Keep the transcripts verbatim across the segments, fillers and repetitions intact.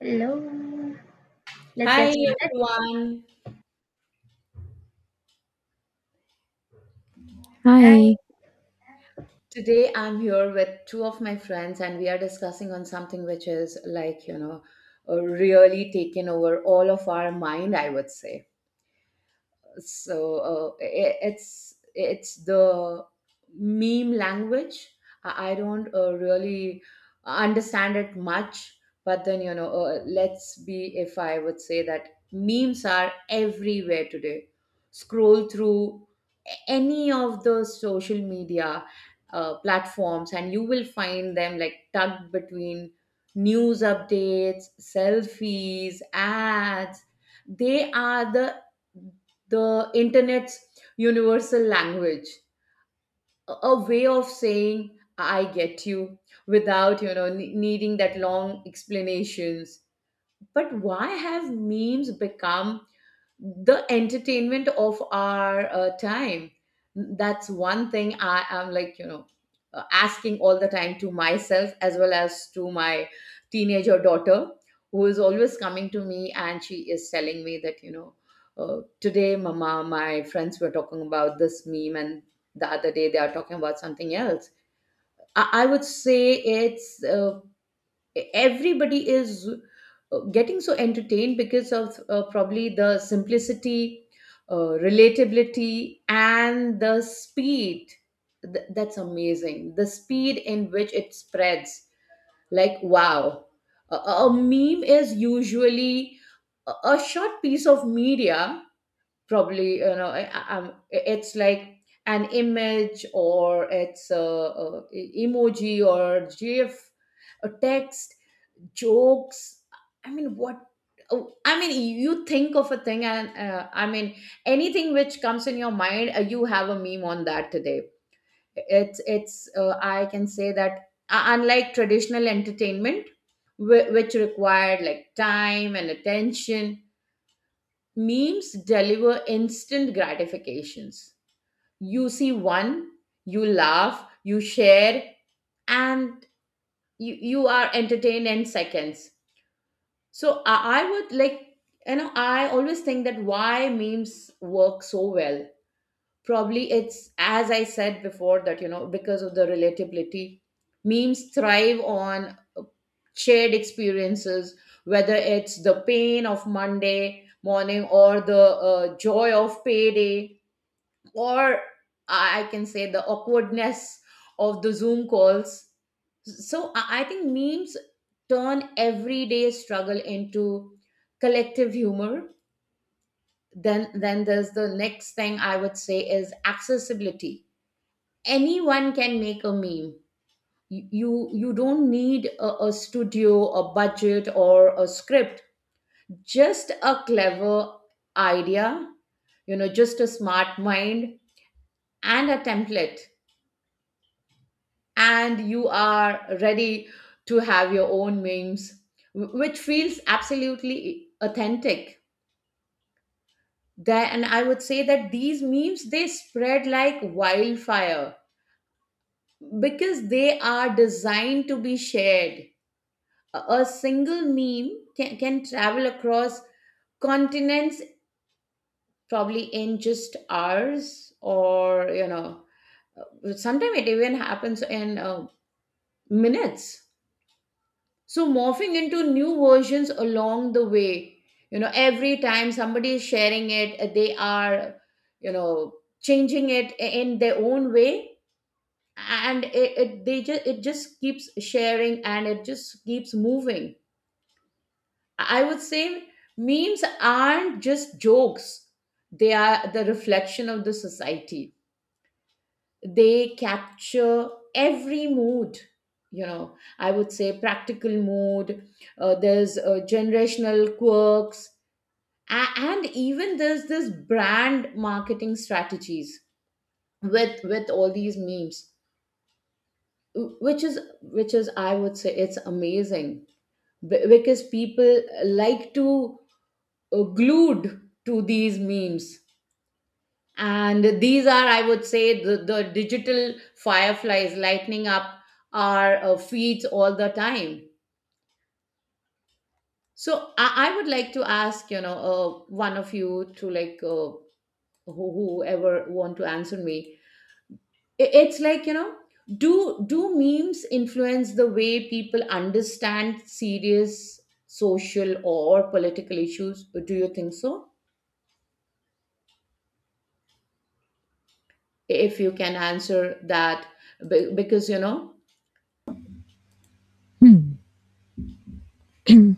Hello, let's get Hi started. everyone. Hi. Hi. Today I'm here with two of my friends and we are discussing on something which is like, you know, uh, really taken over all of our mind, I would say. so uh, i- it's it's the meme language. I I don't uh, really understand it much, but then you know uh, let's be, if I would say that memes are everywhere today. Scroll through any of the social media uh, platforms and you will find them like tucked between news updates, selfies, ads. They are the the internet's universal language, a a way of saying I get you without you know ne- needing that long explanations. But why have memes become the entertainment of our uh, time? That's one thing I am like you know uh, asking all the time to myself as well as to my teenager daughter, who is always coming to me and she is telling me that you know uh, today mama, my friends were talking about this meme, and the other day they are talking about something else. I, I would say it's uh, everybody is uh, getting so entertained because of uh, probably the simplicity, uh, relatability and the speed. Th- that's amazing, the speed in which it spreads, like wow. A, a a meme is usually a, a short piece of media. Probably you know I, I- I'm- It's like an image, or it's a, a e-, emoji or gif, a text, jokes. I mean what oh, i mean you think of a thing and uh, i mean anything which comes in your mind, uh, you have a meme on that today. It's it's uh, i can say that uh, unlike traditional entertainment whi- which required like time and attention, memes deliver instant gratifications. You see one, you laugh, you share, and you, you are entertained in seconds. So I, I would like, you know, I always think that why memes work so well. Probably it's, as I said before, that, you know, because of the relatability. Memes thrive on uh, shared experiences, whether it's the pain of Monday morning, or the uh, joy of payday, or I can say the awkwardness of the Zoom calls. So I I think memes turn everyday struggle into collective humor. Then then there's the next thing I would say is accessibility. Anyone can make a meme. You you don't need a, a studio, a budget, or a script. Just a clever idea, you know, just a smart mind and a template, and you are ready to have your own memes, wh- which feels absolutely authentic there. And I would say that these memes, they spread like wildfire because they are designed to be shared. A a single meme can, can travel across continents probably in just hours, or you know uh, sometimes it even happens in uh, minutes, so morphing into new versions along the way. You know, every time somebody is sharing it, uh, they are, you know, changing it i- in their own way, and it, it they just it just keeps sharing and it just keeps moving. I would say memes aren't just jokes, they are the reflection of the society. They capture every mood, you know, I would say practical mood. Uh, there's uh, generational quirks, a- and even there's this brand marketing strategies with with all these memes, wh- which is which is I would say it's amazing, b- because people like to uh, glued to these memes. And these are, I would say, the, the digital fireflies lighting up our uh, feeds all the time. So I, I would like to ask, you know, uh, one of you to like, uh, who, whoever want to answer me. I- it's like, you know, do do memes influence the way people understand serious social or political issues? Do you think so? If you can answer that, be- because you know. Hmm.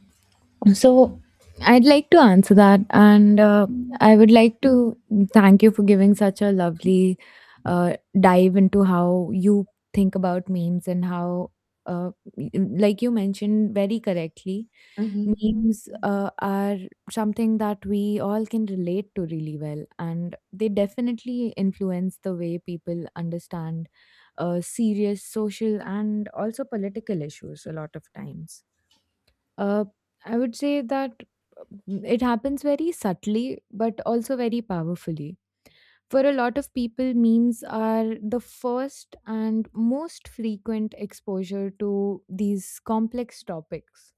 so I'd like to answer that, and uh, I would like to thank you for giving such a lovely uh, dive into how you think about memes and how, uh, y- like you mentioned very correctly, Mhm. memes uh, are something that we all can relate to really well, and they definitely influence the way people understand uh, serious social and also political issues a lot of times. Uh, I would say that mm, it happens very subtly, but also very powerfully. For a lot of people, memes are the first and most frequent exposure to these complex topics.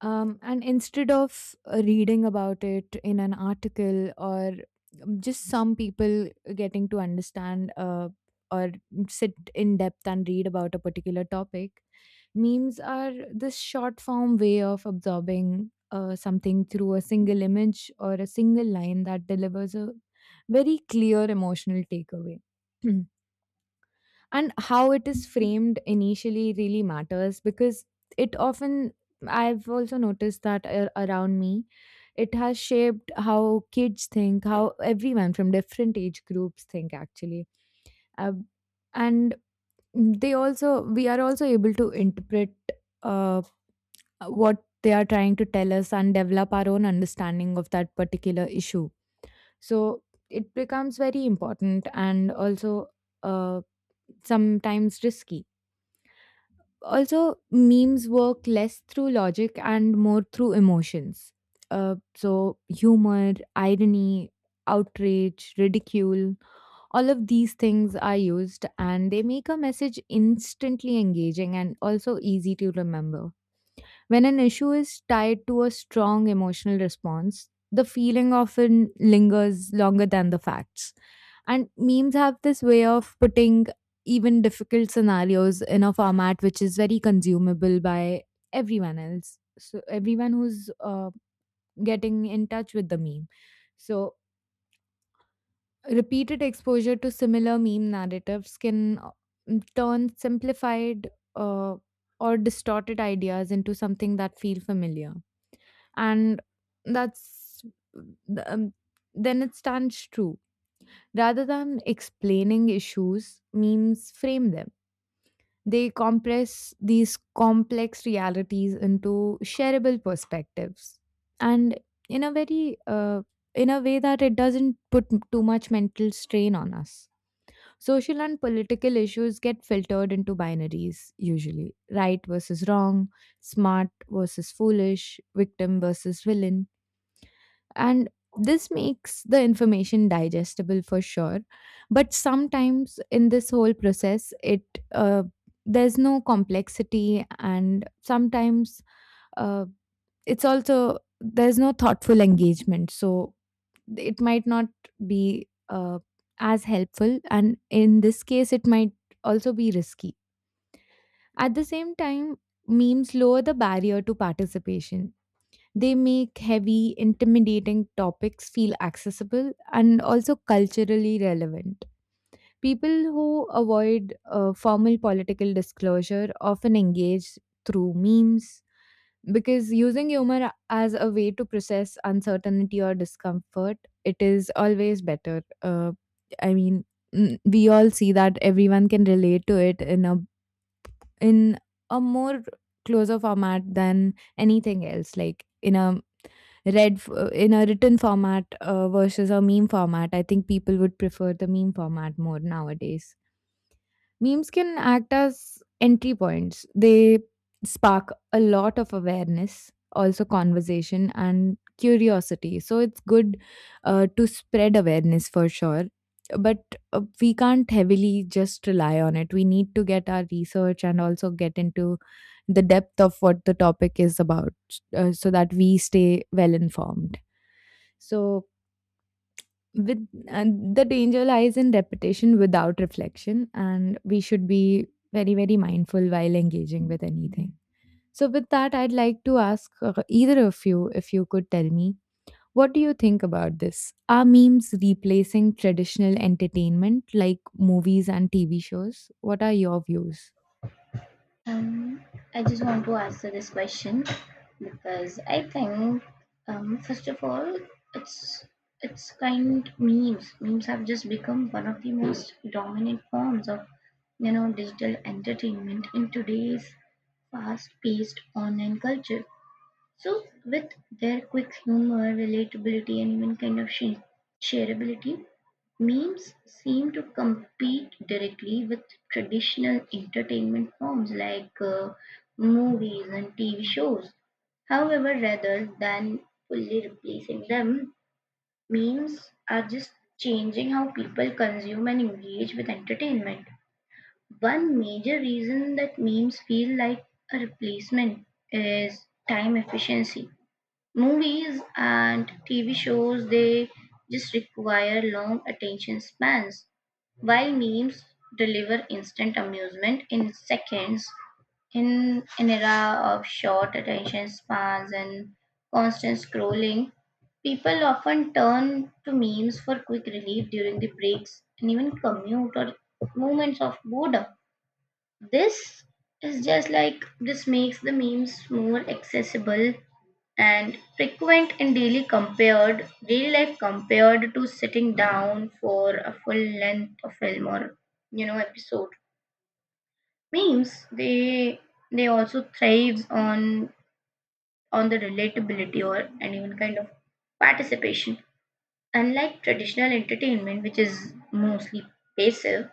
Um, and instead of uh, reading about it in an article, or um, just some people getting to understand, uh, or sit in depth and read about a particular topic, memes are this short form way of absorbing uh, something through a single image or a single line that delivers a very clear emotional takeaway. And how it is framed initially really matters, because it often, I've also noticed that ar- around me, it has shaped how kids think, how everyone from different age groups think actually. Uh, and they also, we are also able to interpret uh, uh, what they are trying to tell us and develop our own understanding of that particular issue. So it becomes very important and also uh, sometimes risky. Also, memes work less through logic and more through emotions. Uh, so, humor, irony, outrage, ridicule, all of these things are used, and they make a message instantly engaging and also easy to remember. When an issue is tied to a strong emotional response, the feeling often lingers longer than the facts. And memes have this way of putting even difficult scenarios in a format which is very consumable by everyone else. So, everyone who's uh, getting in touch with the meme. So, repeated exposure to similar meme narratives can uh, turn simplified uh, or distorted ideas into something that feel familiar, and that's um, then it stands true. Rather than explaining issues, memes frame them. They compress these complex realities into shareable perspectives, and in a very uh, in a way that it doesn't put m- too much mental strain on us. Social and political issues get filtered into binaries usually: right versus wrong, smart versus foolish, victim versus villain. And this makes the information digestible for sure, but sometimes in this whole process it uh, there's no complexity, and sometimes uh, it's also there's no thoughtful engagement, so it might not be uh, as helpful, and in this case it might also be risky. At the same time, memes lower the barrier to participation. They make heavy, intimidating topics feel accessible and also culturally relevant. People who avoid uh, formal political disclosure often engage through memes, because using humor as a way to process uncertainty or discomfort, it is always better. Uh, I mean, mm, we all see that everyone can relate to it in a in a more closer format than anything else, like in a read f uh, in a written format, uh, versus a meme format. I think people would prefer the meme format more nowadays. Memes can act as entry points. They spark a lot of awareness, also conversation and curiosity. So it's good uh, to spread awareness for sure. But uh, we can't heavily just rely on it. We need to get our research and also get into the depth of what the topic is about, uh, so that we stay well informed. So with and the danger lies in repetition without reflection, and we should be very very mindful while engaging with anything. So with that, I'd like to ask uh, either of you if you could tell me, what do you think about this? Are memes replacing traditional entertainment like movies and T V shows? What are your views? um, I just want to answer this question because I think, um, first of all, it's it's kind memes. Memes have just become one of the most dominant forms of you know digital entertainment in today's fast-paced online culture. So, with their quick humor, relatability, and even kind of sh- shareability, memes seem to compete directly with traditional entertainment forms like uh, movies and T V shows. However, rather than fully replacing them, memes are just changing how people consume and engage with entertainment. One major reason that memes feel like a replacement is time efficiency. Movies and T V shows, they just require long attention spans, while memes deliver instant amusement in seconds. In an era of short attention spans and constant scrolling, people often turn to memes for quick relief during the breaks and even commute or moments of boredom. This is just like this makes the memes more accessible and frequent and daily compared daily life compared to sitting down for a full length of film or you know episode. Memes they they also thrives on on the relatability or and even kind of participation, unlike traditional entertainment which is mostly passive.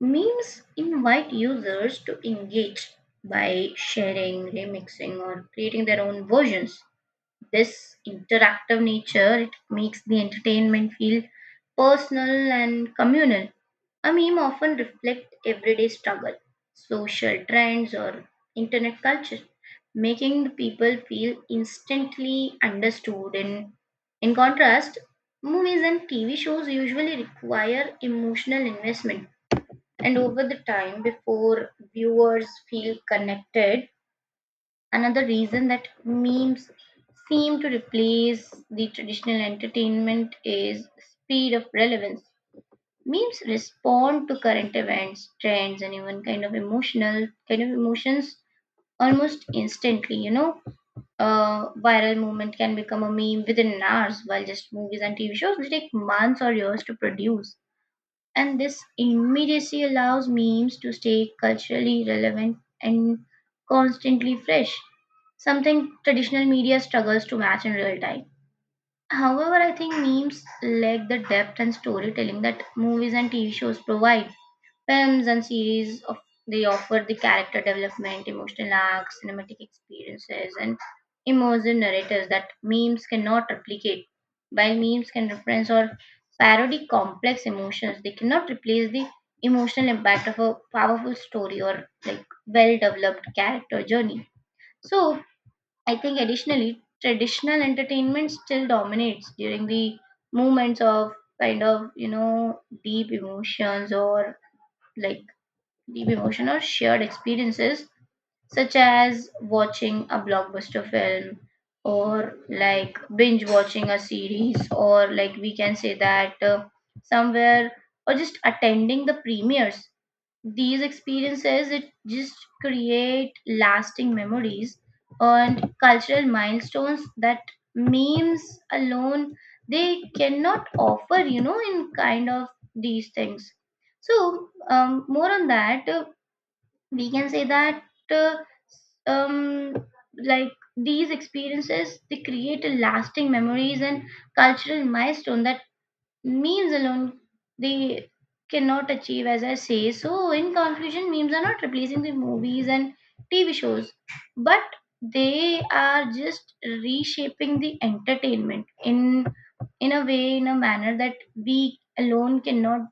Memes invite users to engage by sharing, remixing, or creating their own versions. This interactive nature it makes the entertainment feel personal and communal. A meme often reflect everyday struggle, social trends, or internet culture, making the people feel instantly understood. And in contrast, movies and TV shows usually require emotional investment and over the time before viewers feel connected. Another reason that memes seem to replace the traditional entertainment is speed of relevance. Memes respond to current events, trends, and even kind of emotional kind of emotions almost instantly. You know, a viral movement can become a meme within hours, while just movies and T V shows they take months or years to produce. And this immediacy allows memes to stay culturally relevant and constantly fresh, something traditional media struggles to match in real time. However, I think memes lack the depth and storytelling that movies and T V shows provide. Films and series of they offer the character development, emotional arcs, cinematic experiences, and immersive narratives that memes cannot replicate. While memes can reference or parody complex emotions, they cannot replace the emotional impact of a powerful story or like well developed character journey. So I think additionally, traditional entertainment still dominates during the moments of kind of, you know, deep emotions or like deep emotion or shared experiences, such as watching a blockbuster film, or like binge watching a series, or like we can say that uh, somewhere, or just attending the premieres. These experiences it just create lasting memories and cultural milestones that memes alone they cannot offer you know in kind of these things. So um, more on that, uh, we can say that uh, um, like these experiences they create a lasting memories and cultural milestone that memes alone they cannot achieve as I say. So in conclusion, memes are not replacing the movies and TV shows, but they are just reshaping the entertainment in in a way, in a manner that we alone cannot.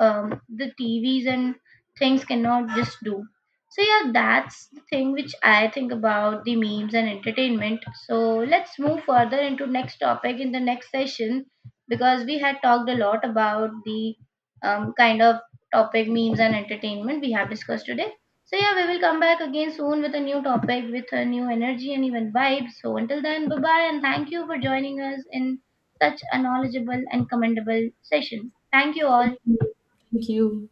um, The T Vs and things cannot just do. So yeah, that's the thing which I think about the memes and entertainment. So let's move further into next topic in the next session, because we had talked a lot about the um, kind of topic memes and entertainment we have discussed today. So yeah, we will come back again soon with a new topic, with a new energy and even vibe. So until then, bye bye, and thank you for joining us in such a knowledgeable and commendable session. Thank you all. Thank you.